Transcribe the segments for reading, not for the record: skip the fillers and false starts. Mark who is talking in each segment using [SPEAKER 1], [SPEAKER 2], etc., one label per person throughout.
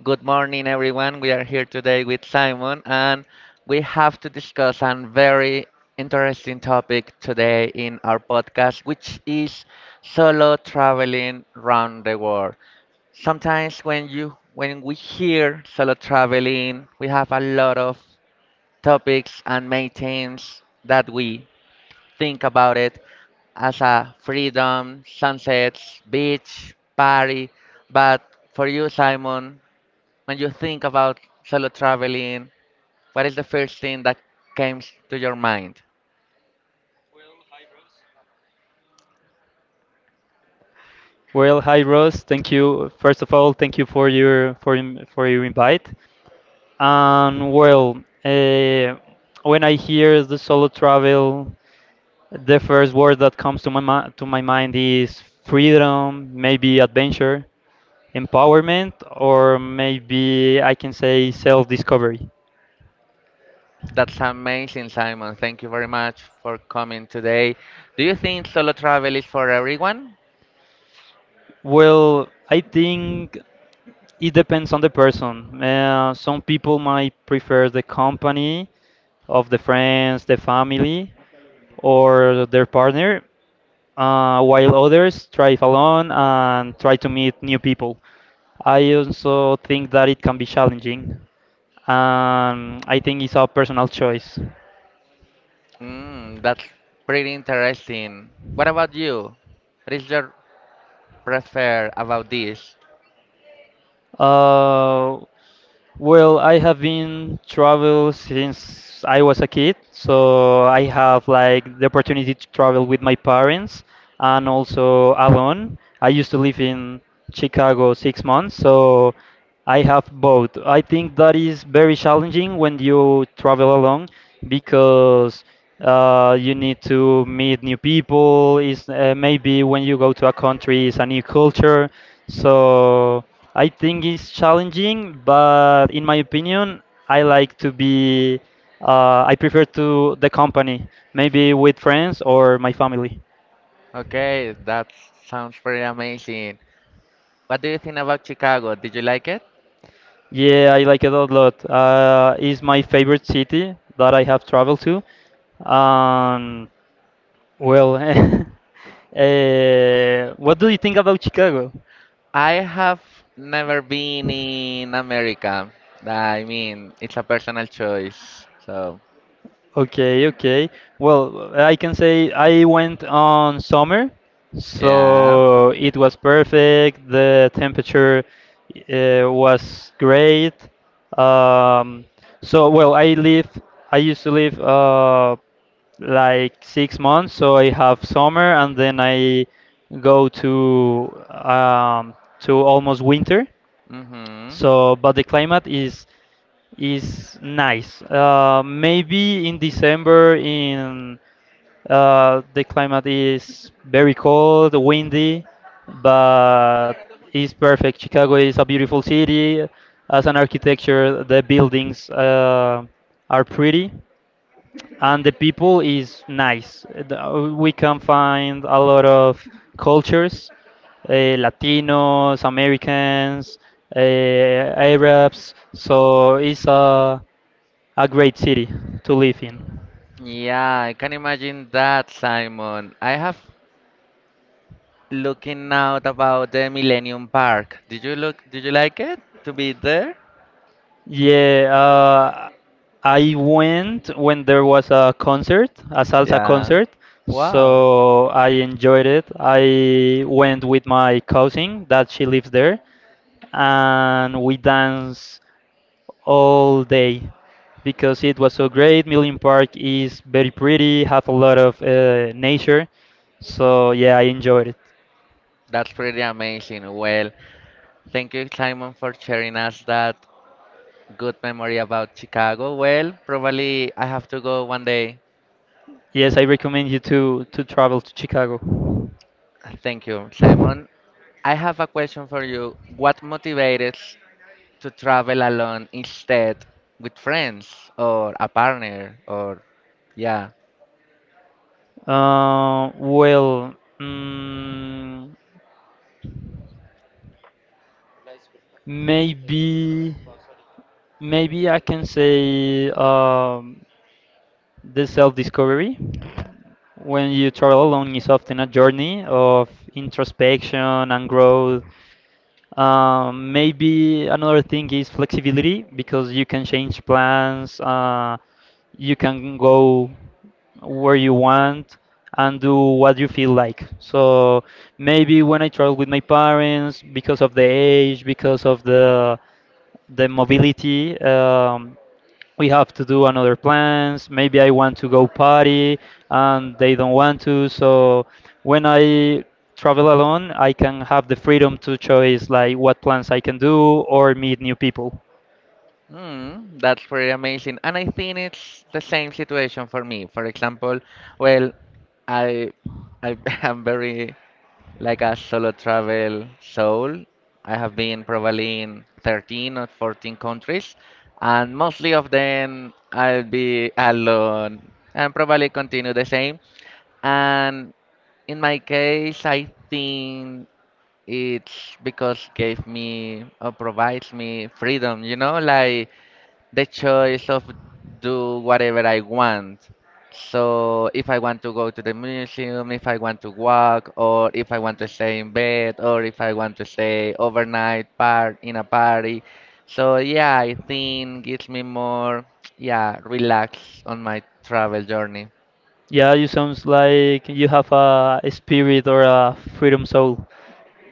[SPEAKER 1] Good morning, everyone. We are here today with Simon, and we have to discuss a very interesting topic today in our podcast, which is solo traveling around the world. Sometimes when we hear solo traveling, we have a lot of topics and main themes that we think about it as a freedom, sunsets, beach, party. But for you, Simon, when you think about solo traveling, what is the first thing that comes to your mind?
[SPEAKER 2] Well, hi Ross. Thank you. First of all, thank you for your for your invite. And when I hear the solo travel, the first word that comes to to my mind is freedom, maybe adventure, empowerment, or maybe I can say self-discovery.
[SPEAKER 1] That's amazing, Simon. Thank you very much for coming today. Do you think solo travel is for everyone?
[SPEAKER 2] Well, I think it depends on the person. Some people might prefer the company of the friends, the family, or their partner, while others thrive alone and try to meet new people. I also think that it can be challenging. I think it's a personal choice.
[SPEAKER 1] Mm, that's pretty interesting. What about you? What is your prefer about this?
[SPEAKER 2] Uh, well, I have been travel since I was a kid, so I have like the opportunity to travel with my parents and also alone. I used to live in Chicago 6 months, so I have both. I think that is very challenging when you travel alone because you need to meet new people. Is maybe when you go to a country, it's a new culture. So I think it's challenging, but in my opinion, I like to be. I prefer to the company, maybe with friends or my family.
[SPEAKER 1] Okay, that sounds pretty amazing. What do you think about Chicago? Did you like it?
[SPEAKER 2] Yeah, I like it a lot. It's my favorite city that I have traveled to. Um, well, uh, what do you think about Chicago?
[SPEAKER 1] I have never been in America. I mean, it's a personal choice. So,
[SPEAKER 2] Okay, okay. Well, I can say I went on summer,
[SPEAKER 1] yeah.
[SPEAKER 2] so it was perfect. The temperature was great. Um, so, well, I live, I used to live like 6 months, so I have summer and then I go to almost winter.
[SPEAKER 1] Mm-hmm.
[SPEAKER 2] So, but the climate is nice. Maybe in December in the climate is very cold, windy, but it's perfect. Chicago is a beautiful city. As an architecture, the buildings are pretty and the people is nice. We can find a lot of cultures, Latinos, Americans, Arabs. So it's a great city to live in.
[SPEAKER 1] Yeah, I can imagine that, Simon. I have looking out about the Millennium Park. Did you like it to be there?
[SPEAKER 2] Yeah, I went when there was a concert, a salsa
[SPEAKER 1] Yeah.
[SPEAKER 2] concert.
[SPEAKER 1] Wow.
[SPEAKER 2] So I enjoyed it. I went with my cousin that she lives there and we dance all day because it was so great. Million Park is very pretty, have a lot of nature. So yeah, I enjoyed it.
[SPEAKER 1] That's pretty amazing. Well, thank you, Simon, for sharing us that good memory about Chicago. Well, probably I have to go one day.
[SPEAKER 2] Yes, I recommend you to travel to Chicago.
[SPEAKER 1] Thank you, Simon. I have a question for you. What motivates to travel alone instead with friends or a partner or yeah.
[SPEAKER 2] Uh, well, mm, maybe maybe I can say the self-discovery. When you travel alone, it's often a journey of introspection and growth. Maybe another thing is flexibility because you can change plans, you can go where you want and do what you feel like. So maybe when I travel with my parents, because of the age, because of the mobility, we have to do another plans. Maybe I want to go party and they don't want to, so when I travel alone I can have the freedom to choose like what plans I can do or meet new people.
[SPEAKER 1] That's pretty amazing. And I think it's the same situation for me. For example, well, I I am very like a solo travel soul. I have been probably in 13 or 14 countries, and mostly of them I'll be alone and probably continue the same. And in my case, I think it's because gave me or provides me freedom, you know, like the choice of do whatever I want. So if I want to go to the museum, if I want to walk, or if I want to stay in bed, or if I want to stay overnight part in a party. So yeah, I think gives me more yeah, relax on my travel journey.
[SPEAKER 2] Yeah, you sounds like you have a spirit or a freedom soul.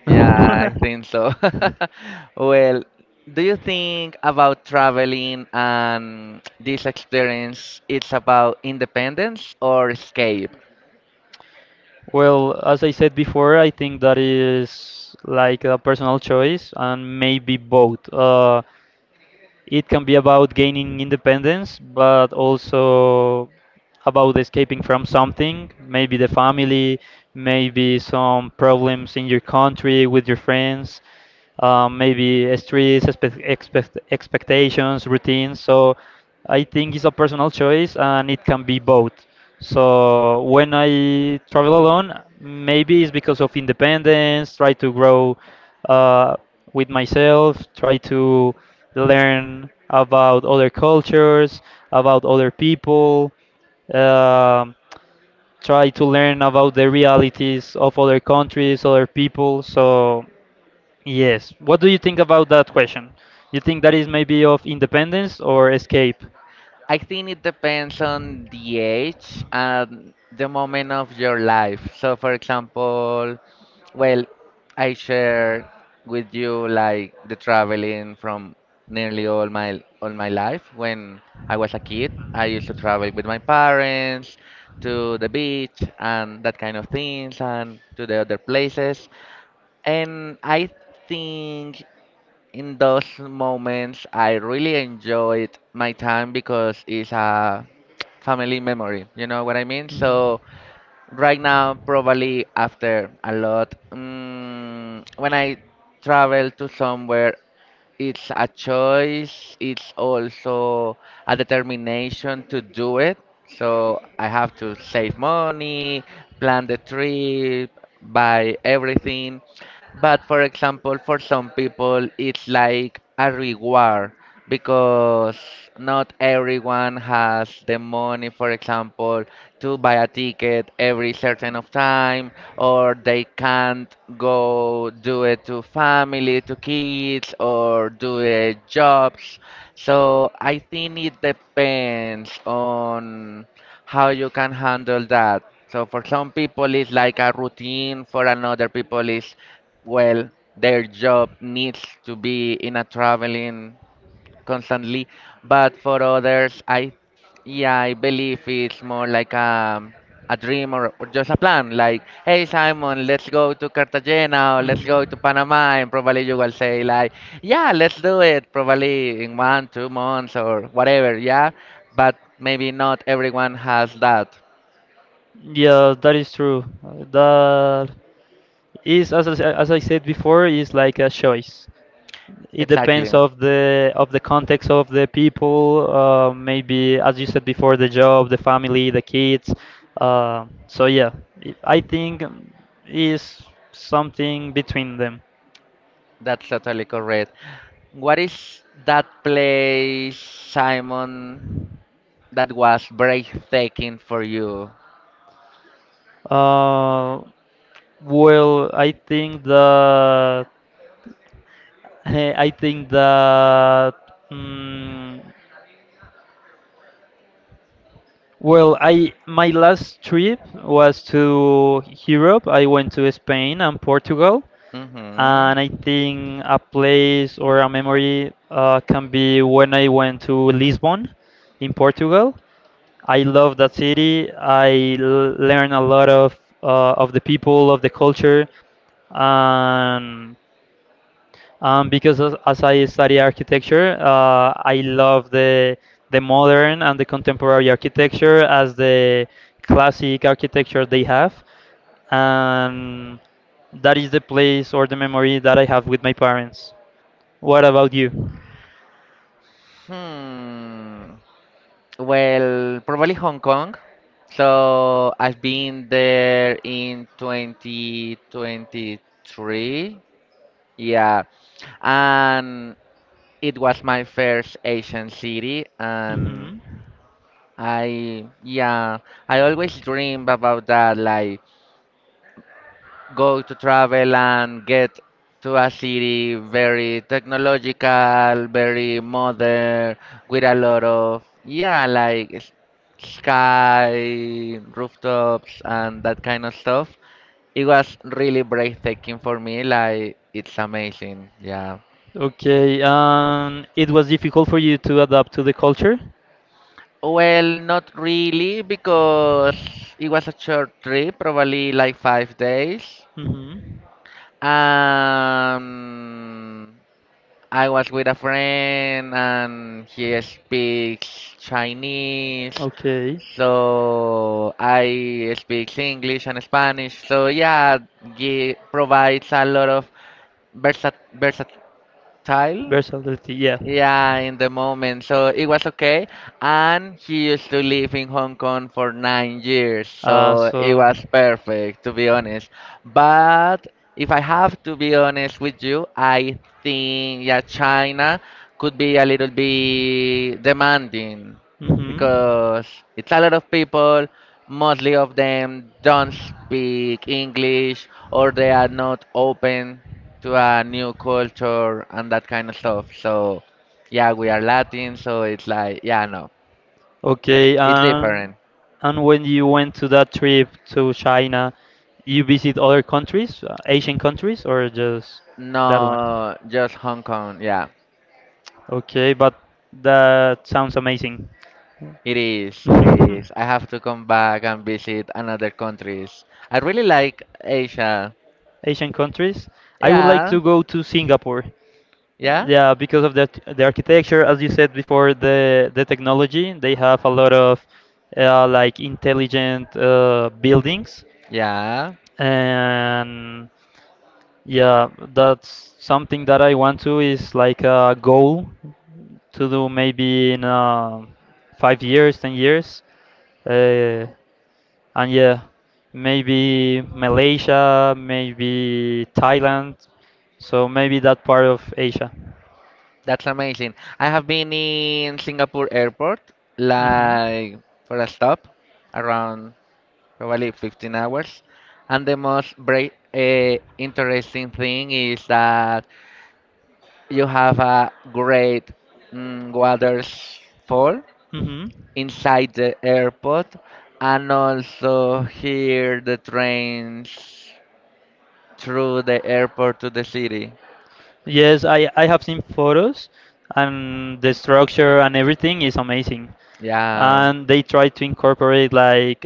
[SPEAKER 1] Yeah, I think so. Well, do you think about traveling and this experience it's about independence or escape?
[SPEAKER 2] Well, as I said before, I think that is like a personal choice and maybe both. It can be about gaining independence, but also about escaping from something, maybe the family, maybe some problems in your country with your friends, maybe stress, expectations, routines. So I think it's a personal choice and it can be both. So when I travel alone, maybe it's because of independence, try to grow uh, with myself, try to learn about other cultures, about other people, um, try to learn about the realities of other countries, other people. So, yes. What do you think about that question? You think that is maybe of independence or escape?
[SPEAKER 1] I think it depends on the age and the moment of your life. So, for example, well, I share with you like the traveling from nearly all my life. When I was a kid, I used to travel with my parents to the beach and that kind of things and to the other places. And I think in those moments, I really enjoyed my time because it's a family memory. You know what I mean? So right now, probably after a lot, when I travel to somewhere it's a choice, it's also a determination to do it. So I have to save money, plan the trip, buy everything. But for example, for some people, it's like a reward because not everyone has the money, for example, to buy a ticket every certain of time, or they can't go do it to family, to kids, or do it jobs. So I think it depends on how you can handle that. So for some people it's like a routine, for another people is well, their job needs to be in a traveling constantly, but for others, I believe it's more like a dream or just a plan. Like, hey Simon, let's go to Cartagena or let's go to Panama, and probably you will say like, yeah, let's do it. Probably in one, 2 months or whatever. Yeah, but maybe not everyone has that.
[SPEAKER 2] Yeah, that is true. That is, as I said before, is like a choice. It
[SPEAKER 1] Exactly,
[SPEAKER 2] depends of the context of the people. Maybe as you said before, the job, the family, the kids. So yeah, I think is something between them.
[SPEAKER 1] that's totally correct. What is that place, Simon, that was breathtaking for you?
[SPEAKER 2] Uh, I think that I think that mm, well, I my last trip was to Europe. I went to Spain and Portugal.
[SPEAKER 1] Mhm.
[SPEAKER 2] And I think a place or a memory can be when I went to Lisbon in Portugal. I love that city. I learn a lot of the people, of the culture, and because as I study architecture, I love the modern and the contemporary architecture as the classic architecture they have, and that is the place or the memory that I have with my parents. What about you?
[SPEAKER 1] Hmm. Well, probably Hong Kong. So I've been there in 2023. Yeah. And it was my first Asian city, and
[SPEAKER 2] Mhm.
[SPEAKER 1] yeah, I always dream about that, like go to travel and get to a city very technological, very modern, with a lot of, yeah, like sky, rooftops, and that kind of stuff. It was really breathtaking for me, like it's amazing, yeah.
[SPEAKER 2] Okay, it was difficult for you to adapt to the culture.
[SPEAKER 1] Well, not really, because it was a short trip, probably like 5 days.
[SPEAKER 2] Hmm.
[SPEAKER 1] Um, I was with a friend and he speaks Chinese,
[SPEAKER 2] Okay. So
[SPEAKER 1] so I speak English and Spanish. So yeah, it provides a lot of versat versatile
[SPEAKER 2] versatility, yeah.
[SPEAKER 1] yeah, in the moment. So it was okay. And he used to live in Hong Kong for 9 years.
[SPEAKER 2] Uh,
[SPEAKER 1] So it was perfect, to be honest. But if I have to be honest with you, I think yeah, China could be a little bit demanding
[SPEAKER 2] Mm-hmm.
[SPEAKER 1] because it's a lot of people, mostly of them don't speak English or they are not open to a new culture and that kind of stuff. So yeah, we are Latin, so it's like, yeah, no,
[SPEAKER 2] Okay,
[SPEAKER 1] it's different.
[SPEAKER 2] and when you went to that trip to China, you visit other countries, Asian countries, or just no, that one?
[SPEAKER 1] No, just Hong Kong. Yeah,
[SPEAKER 2] Okay, but that sounds amazing.
[SPEAKER 1] it is. It is. I have to come back and visit another countries. I really like Asia.
[SPEAKER 2] Asian countries. I would like
[SPEAKER 1] Yeah,
[SPEAKER 2] to go to Singapore.
[SPEAKER 1] yeah,
[SPEAKER 2] Yeah, because of the architecture, as you said before, the technology. They have a lot of like intelligent buildings,
[SPEAKER 1] yeah.
[SPEAKER 2] and yeah, that's something that I want to is like a goal to do maybe in 5 years, 10 years. Uh, and yeah, maybe Malaysia, maybe Thailand. So maybe that part of Asia.
[SPEAKER 1] That's amazing. I have been in Singapore airport,
[SPEAKER 2] Mm-hmm.
[SPEAKER 1] like for a stop, around probably 15 hours. And the most bra interesting thing is that you have a great waterfall
[SPEAKER 2] Mm-hmm.
[SPEAKER 1] inside the airport, and also hear the trains through the airport to the city.
[SPEAKER 2] Yes, I have seen photos and the structure and everything is amazing.
[SPEAKER 1] Yeah,
[SPEAKER 2] And they try to incorporate like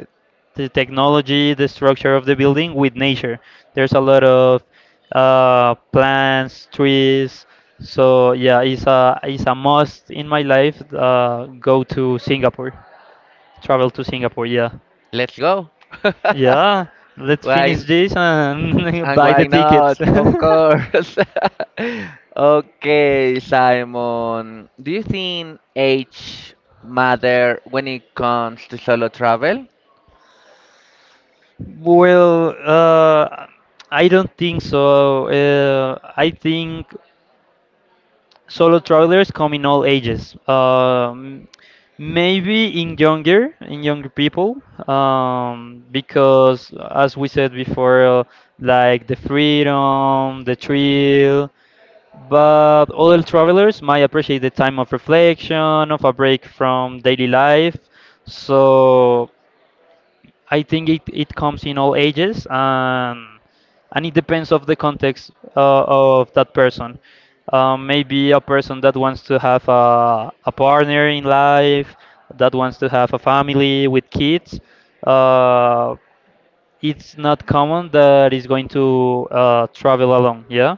[SPEAKER 2] the technology, the structure of the building with nature. There's a lot of plants, trees. So yeah, it's a must in my life. Go to Singapore, travel to Singapore. Yeah,
[SPEAKER 1] let's go.
[SPEAKER 2] yeah. Let's
[SPEAKER 1] Why
[SPEAKER 2] finish
[SPEAKER 1] n-
[SPEAKER 2] this and
[SPEAKER 1] and
[SPEAKER 2] buy the
[SPEAKER 1] why
[SPEAKER 2] tickets.
[SPEAKER 1] not? Of course. Okay, Simon. Do you think age matter when it comes to solo travel?
[SPEAKER 2] Well, I don't think so. I think solo travelers come in all ages. In younger people, because as we said before, like the freedom, the thrill. But older travelers might appreciate the time of reflection, of a break from daily life. So I think it comes in all ages and it depends of the context of that person. Maybe a person that wants to have a partner in life, that wants to have a family with kids. Uh, it's not common that is going to travel alone, yeah?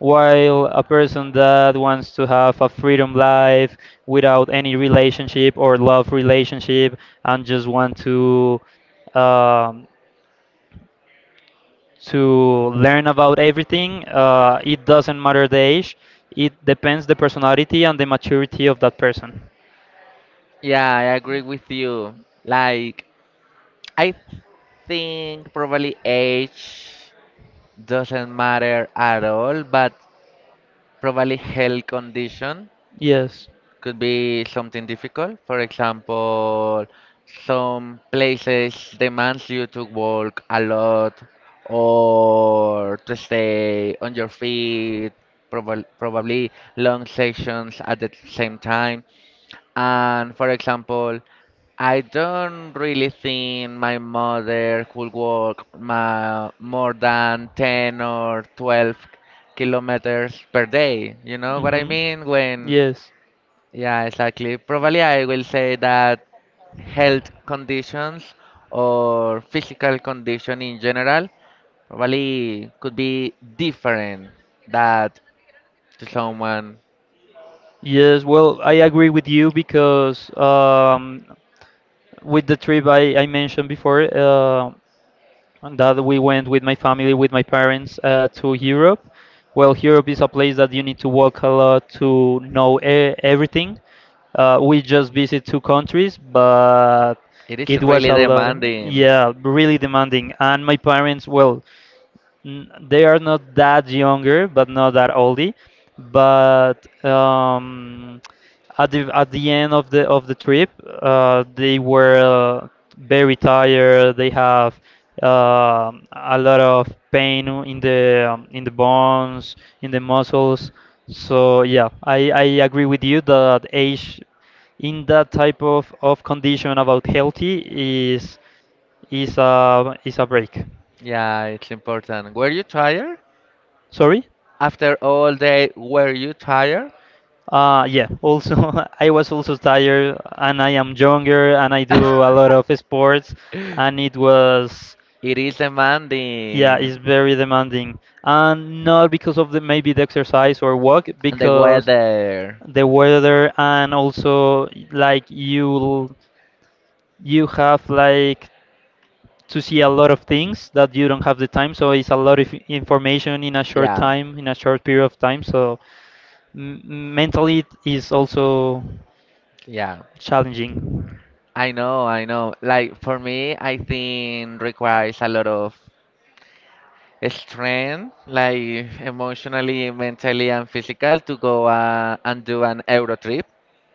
[SPEAKER 2] While a person that wants to have a freedom life without any relationship or love relationship and just want um, to learn about everything, it doesn't matter the age. It depends the personality and the maturity of that person.
[SPEAKER 1] Yeah, I agree with you. Like, I think probably age doesn't matter at all, but probably health condition
[SPEAKER 2] Yes.
[SPEAKER 1] could be something difficult. For example, some places demands you to work a lot or to stay on your feet, probably long sessions at the same time. And for example, I don't
[SPEAKER 2] Do.
[SPEAKER 1] really think my mother could walk ma more than 10 or 12 kilometers per day. You know what I
[SPEAKER 2] Hmm.
[SPEAKER 1] mean? When
[SPEAKER 2] Yes.
[SPEAKER 1] yeah, exactly. Probably I will say that health conditions or physical condition in general probably could be different that to someone
[SPEAKER 2] Yes, well, I agree with you because with the trip I mentioned before. And that we went with my family, with my parents to Europe. Well, Europe is a place that you need to walk a lot to know everything. We just visit 2 countries, but
[SPEAKER 1] it is
[SPEAKER 2] it was
[SPEAKER 1] really
[SPEAKER 2] a lot.
[SPEAKER 1] demanding.
[SPEAKER 2] Yeah, really demanding. And my parents, well, they are not that younger, but not that oldie. But at the end of the trip, they were very tired. They have a lot of pain in the bones, in the muscles. So yeah, I agree with you that age in that type of condition about healthy is is a is a break.
[SPEAKER 1] Yeah, it's important. Were you tired?
[SPEAKER 2] Sorry?
[SPEAKER 1] After all day, were you tired?
[SPEAKER 2] Yeah, also, I was also tired, and I am younger, and I do a lot of sports, and it was,
[SPEAKER 1] It is
[SPEAKER 2] yeah, it's
[SPEAKER 1] demanding.
[SPEAKER 2] very demanding. And not because of the maybe the exercise or work,
[SPEAKER 1] And the because
[SPEAKER 2] because
[SPEAKER 1] weather. It's,
[SPEAKER 2] the weather, and also like you have like to see a lot of things that you don't have the time, so it's a lot of information in a short
[SPEAKER 1] yeah, time.
[SPEAKER 2] time, in a short period of time, so m mentally it is also
[SPEAKER 1] Yeah.
[SPEAKER 2] challenging.
[SPEAKER 1] I know, I know. Like for me, I think requires a lot of strength, like emotionally, mentally, and physical to go and do an Euro trip.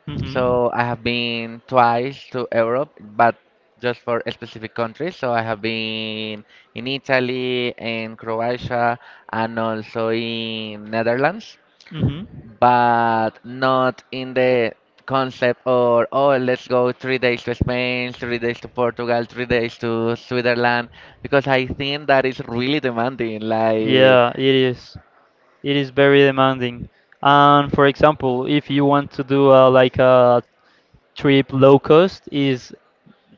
[SPEAKER 2] Hmm. Hmm.
[SPEAKER 1] So I have been twice to Europe, but just for specific countries. So I have been in Italy, in Croatia, and also in Netherlands, but not in the concept or oh let's go 3 days to Spain, 3 days to Portugal, 3 days to Switzerland, because I think that is really demanding. Like
[SPEAKER 2] Yeah, it is. It is very demanding. And for example, if you want to do like a trip low cost, is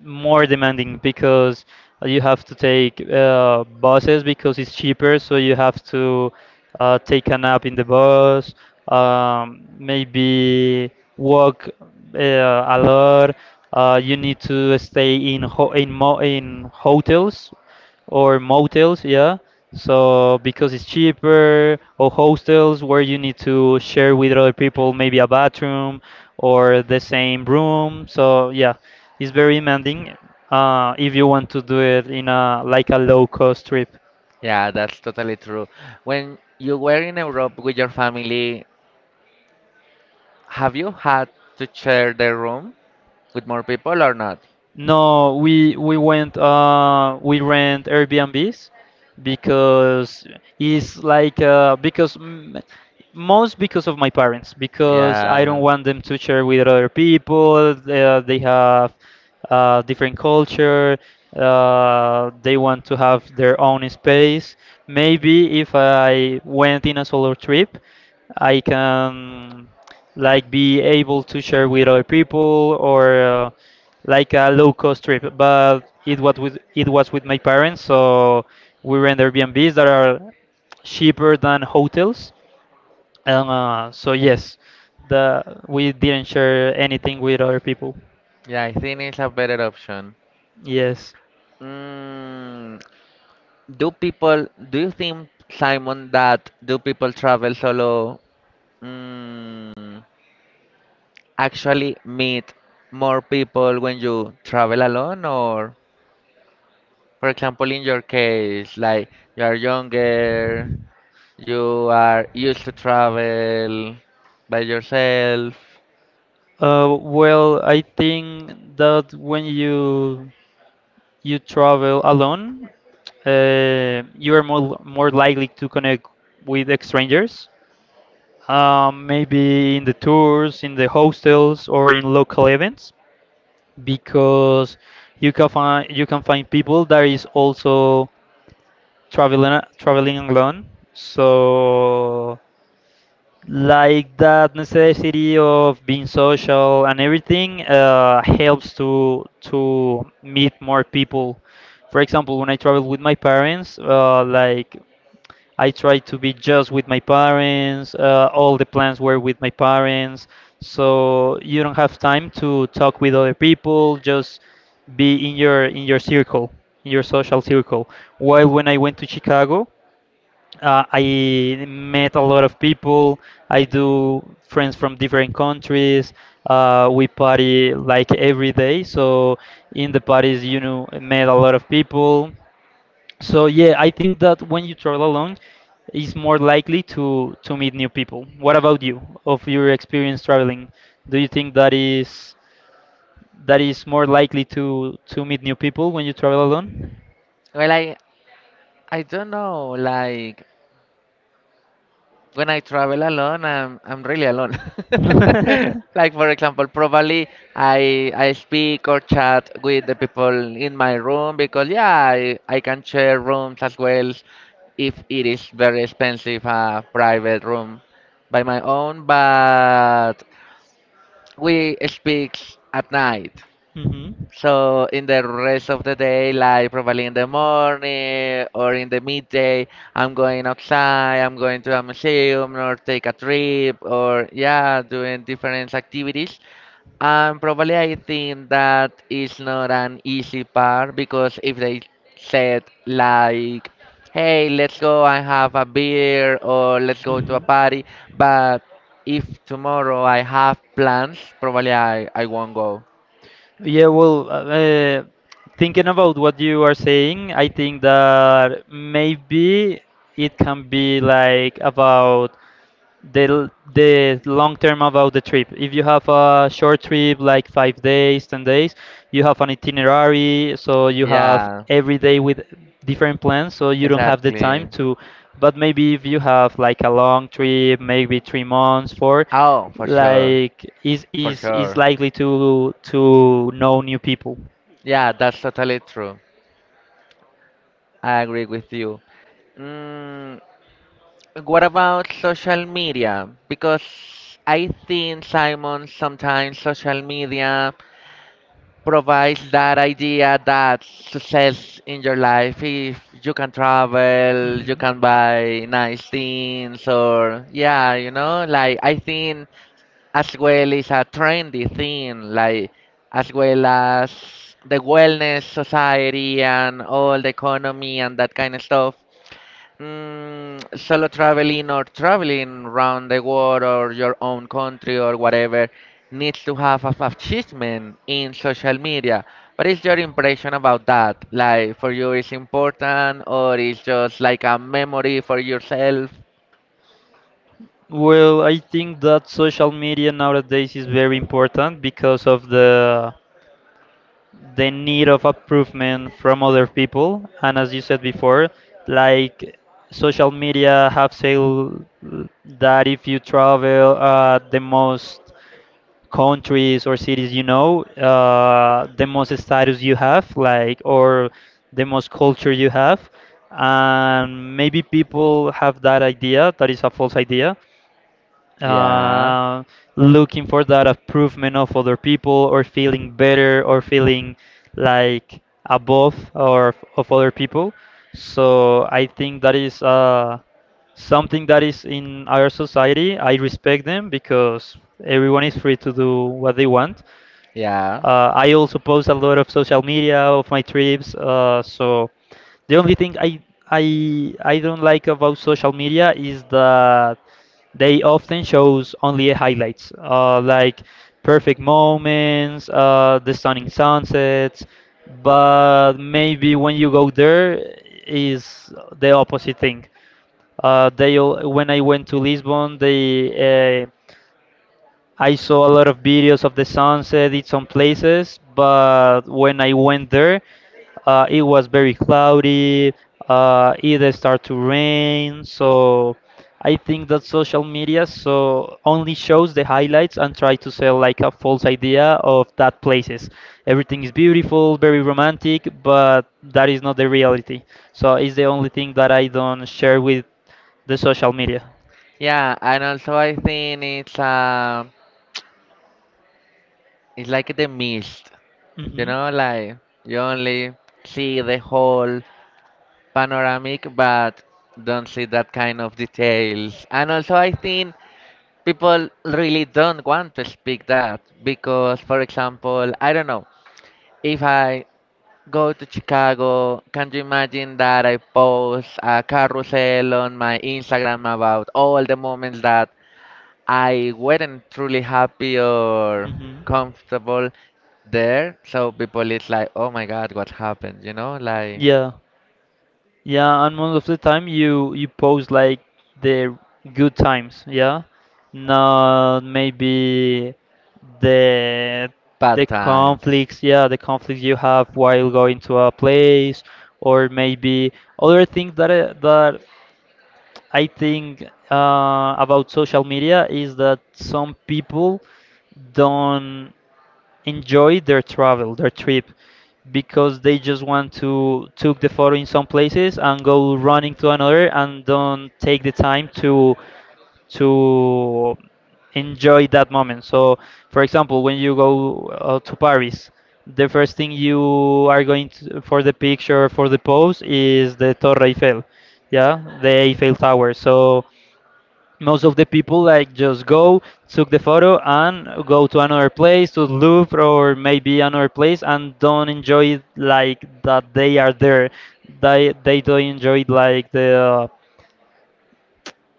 [SPEAKER 2] more demanding because you have to take buses because it's cheaper. So you have to take a nap in the bus, maybe walk a lot. You need to stay in ho in mo in hotels or motels, yeah. So because it's cheaper, or hostels where you need to share with other people maybe a bathroom or the same room. So yeah, it's very demanding if you want to do it in a like a low cost trip.
[SPEAKER 1] yeah, that's totally true. When you were in Europe with your family, have you had to share the room with more people or not?
[SPEAKER 2] No, we went we rent Airbnbs because it's like because m most because of my parents, because I don't
[SPEAKER 1] Yeah.
[SPEAKER 2] want them to share with other people. They have different culture. They want to have their own space. Maybe if I went in a solo trip, I can like be able to share with other people or like a low cost trip, but it
[SPEAKER 1] was
[SPEAKER 2] was with my parents, so we rent Airbnbs that are cheaper than hotels. And so yes, the we didn't share anything with other people.
[SPEAKER 1] Yeah, I think it's a better option.
[SPEAKER 2] Yes.
[SPEAKER 1] Mm, do people, do you think, Simon, that do people travel solo mm, actually meet more people when you travel alone or? For example, in your case, like you are younger, you are used to travel by yourself.
[SPEAKER 2] Well, I think that when you travel alone, you are more likely to connect with strangers. Maybe in the tours, in the hostels, or in local events. Because you can find people that is also traveling alone. So like that necessity of being social and everything helps to meet more people. For example, when I travel with my parents, like I tried to be just with my parents. All the plans were with my parents. So you don't have time to talk with other people. Just be in your circle, in your social circle. While when I went to Chicago, I met a lot of people. I do friends from different countries. We party like every day. So in the parties, met a lot of people. So yeah, I think that when you travel alone, it's more likely to meet new people. What about you? Of your experience traveling, do you think that is more likely to meet new people when you travel alone?
[SPEAKER 1] Well, I don't know. Like when I travel alone, I'm really alone. Like for example, probably I speak or chat with the people in my room because yeah, I can share rooms as well if it is very expensive a private room by my own. But we speak at night.
[SPEAKER 2] Mhm.
[SPEAKER 1] So in the rest of the day, like probably in the morning or in the midday, I'm going outside, I'm going to a museum or take a trip or yeah, doing different activities, probably I think that is not an easy part because if they said like, "Hey, let's go and have a beer," or "Let's go to a
[SPEAKER 2] Mhm.
[SPEAKER 1] party," but if tomorrow I have plans, probably I won't go.
[SPEAKER 2] Yeah, well, thinking about what you are saying, I think that maybe it can be like about the long term about the trip. If you have a short trip like 5 days, 10 days, you have an itinerary, so you have
[SPEAKER 1] Yeah,
[SPEAKER 2] every day with different plans, so you don't have the
[SPEAKER 1] exactly.
[SPEAKER 2] time to. But maybe if you have like a long trip, maybe 3 months, four,
[SPEAKER 1] Oh, for sure,
[SPEAKER 2] like is
[SPEAKER 1] for
[SPEAKER 2] is is
[SPEAKER 1] sure.
[SPEAKER 2] likely to know new people.
[SPEAKER 1] Yeah, that's totally true. I agree with you. Mm, What about social media? Because I think, Simon, sometimes social media provides that idea that success in your life, if you can travel, you can buy nice things, or yeah, you know, like I think as well is a trendy thing, like as well as the wellness society and all the economy and that kind of stuff. Solo traveling or traveling around the world or your own country or whatever needs to have a achievement in social media. What is your impression about that? Like for you is important or it's just like a memory for yourself?
[SPEAKER 2] Well, I think that social media nowadays is very important because of the need of improvement from other people, and as you said before, like, social media have said that if you travel the most countries or cities the most status you have, like, or the most culture you have. And maybe people have that idea, that is a false idea,
[SPEAKER 1] Yeah,
[SPEAKER 2] uh, looking for that improvement of other people, or feeling better, or feeling like above or of other people. So I think that is something that is in our society. I respect them, because everyone is free to do what they want.
[SPEAKER 1] yeah.
[SPEAKER 2] I also post a lot of social media of my trips. So the only thing I don't like about social media is that they often shows only highlights, like perfect moments, the stunning sunsets. But maybe when you go there is the opposite thing. When I went to Lisbon, they I saw a lot of videos of the sunset in some places, but when I went there, it was very cloudy. It started to rain, so I think that social media so only shows the highlights and try to sell like a false idea of that places. Everything is beautiful, very romantic, but that is not the reality. So it's the only thing that I don't share with the social media.
[SPEAKER 1] Yeah, and also I think it's like the mist, you
[SPEAKER 2] Hmm.
[SPEAKER 1] know, like you only see the whole panoramic but don't see that kind of details. And also I think people really don't want to speak that because for example, I don't know, if I go to Chicago. Can you imagine that I post a carousel on my Instagram about all the moments that I weren't truly happy or
[SPEAKER 2] Hmm.
[SPEAKER 1] comfortable there? So people it's like, oh my God, what happened? You know, like
[SPEAKER 2] Yeah, yeah, and most of the time you post like the good times, yeah, not maybe the the
[SPEAKER 1] bad times.
[SPEAKER 2] conflicts, yeah, the conflicts you have while going to a place. Or maybe other things that I think about social media is that some people don't. Enjoy their travel, their trip, because they just want to took the photo in some places and go running to another and don't take the time to enjoy that moment. So, for example, when you go to Paris, the first thing you are going to, for the picture, for the pose, is the Torre Eiffel, yeah, the Eiffel Tower. So most of the people like just go took the photo and go to another place, to Louvre or maybe another place, and don't enjoy it like that they are there. They don't enjoy it, like the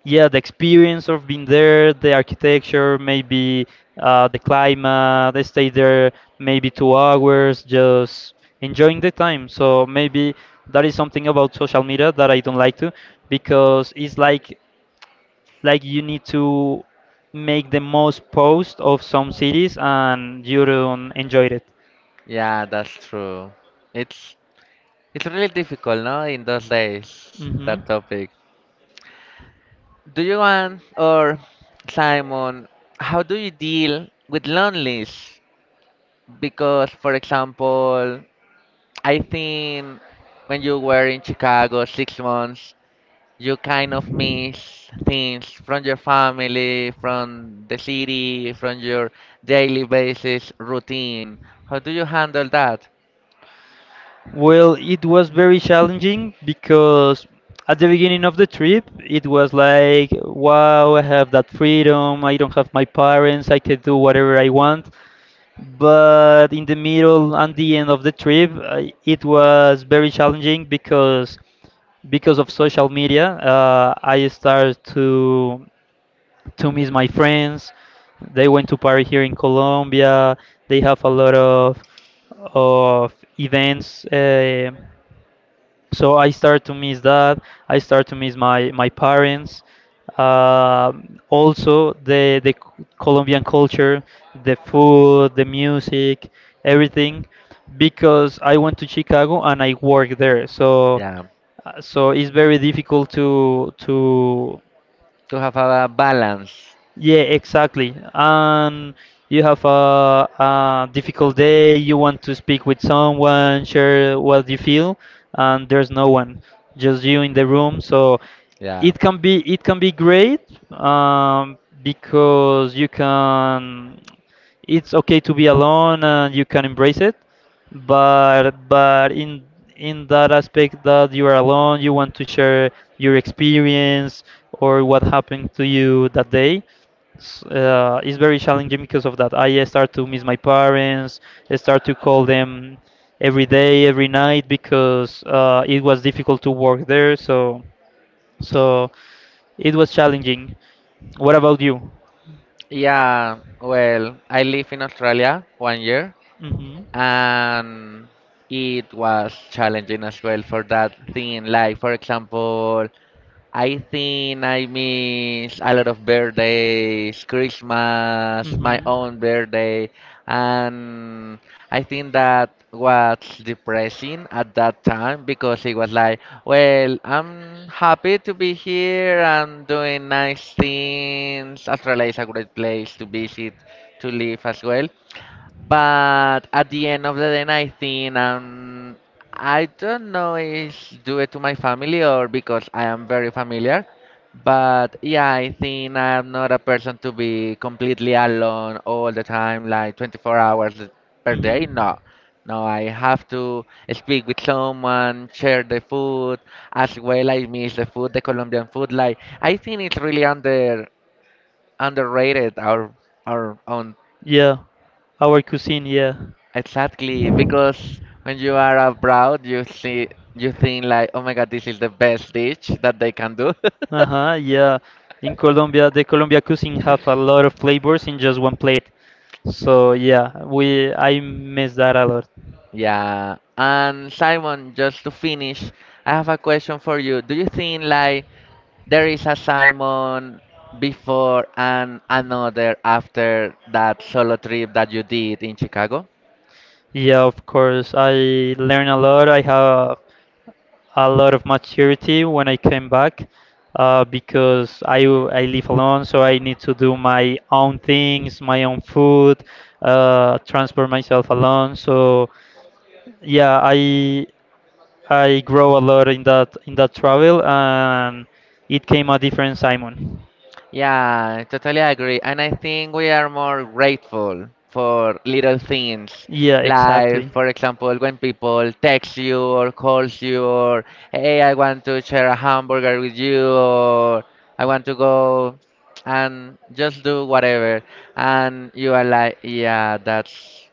[SPEAKER 2] yeah, the experience of being there, the architecture, maybe the climate. They stay there maybe 2 hours just enjoying the time. So maybe that is something about social media that I don't like to, because it's like you need to make the most post of some cities and you don't enjoy it.
[SPEAKER 1] Yeah, that's true. It's it's really difficult, no, in those days,
[SPEAKER 2] Hmm.
[SPEAKER 1] that topic. Do you want or Simon, how do you deal with loneliness? Because, for example, I think when you were in Chicago 6 months, you kind of miss things from your family, from the city, from your daily basis routine. How do you handle that?
[SPEAKER 2] Well, it was very challenging because at the beginning of the trip, it was like, wow, I have that freedom. I don't have my parents. I can do whatever I want. But in the middle and the end of the trip, it was very challenging, because of social media, I started to miss my friends. They went to party here in Colombia. They have a lot of events. So I start to miss that. I start to miss my parents. Also, Colombian culture, the food, the music, everything, because I went to Chicago and I work there. So
[SPEAKER 1] Yeah,
[SPEAKER 2] uh, so it's very difficult to,
[SPEAKER 1] to have a balance.
[SPEAKER 2] yeah, exactly. And you have a difficult day, you want to speak with someone, share what you feel, and there's no one, just you in the room. So
[SPEAKER 1] Yeah,
[SPEAKER 2] it can be great um, because you can. It's okay to be alone, and you can embrace it. But in that aspect that you are alone, you want to share your experience or what happened to you that day, it's very challenging because of that. I start to miss my parents. I start to call them every day, every night, because it was difficult to work there. So, it was challenging. What about you?
[SPEAKER 1] yeah. Well, I live in Australia one year,
[SPEAKER 2] Hmm.
[SPEAKER 1] and it was challenging as well for that thing. Like, for example, I think I miss a lot of birthdays, Christmas, my own birthday, and I think that was depressing at that time because it was like, well, I'm happy to be here and doing nice things. Australia is a great place to visit, to live as well. But at the end of the day, I think I don't know if due it to my family or because I am very familiar. But yeah, I think I am not a person to be completely alone all the time, like 24 hours per day. No, no, I have to speak with someone, share the food. As well, I miss the food, the Colombian food. Like I think it's really underrated our own
[SPEAKER 2] Yeah, our cuisine, yeah.
[SPEAKER 1] Exactly, because when you are abroad, you see, you think like, oh my God, this is the best dish that they can do.
[SPEAKER 2] Uh-huh, yeah. In Colombia, the Colombia cuisine have a lot of flavors in just one plate. So yeah, we I miss that a lot.
[SPEAKER 1] Yeah, and Simon, just to finish, I have a question for you. Do you think like there is a Simon before and another after that solo trip that you did in Chicago?
[SPEAKER 2] Yeah, of course. I learned a lot. I have a lot of maturity when I came back because I live alone, so I need to do my own things, my own food, transport myself alone. So yeah, I grow a lot in that travel, and it came a different Simon.
[SPEAKER 1] Yeah, I totally agree. And I think we are more grateful for little things.
[SPEAKER 2] Yeah, exactly.
[SPEAKER 1] Like, for example, when people text you or calls you or, hey, I want to share a hamburger with you or I want to go and just do whatever. And you are like, yeah, that's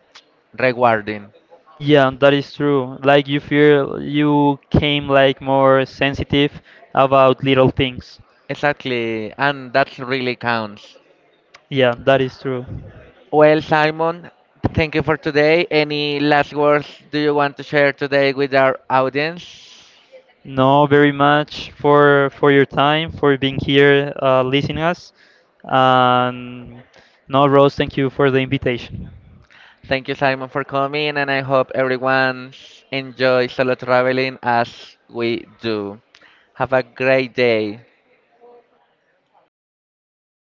[SPEAKER 1] rewarding.
[SPEAKER 2] Yeah, that is true. Like you feel you came like more sensitive about little things.
[SPEAKER 1] Exactly. And that really counts.
[SPEAKER 2] Yeah, that is true.
[SPEAKER 1] Well, Simon, thank you for today. Any last words do you want to share today with our audience?
[SPEAKER 2] No, very much for your time, for being here, listening us, and no, Rose, thank you for the invitation.
[SPEAKER 1] Thank you, Simon, for coming, and I hope everyone enjoy solo traveling as we do. Have a great day.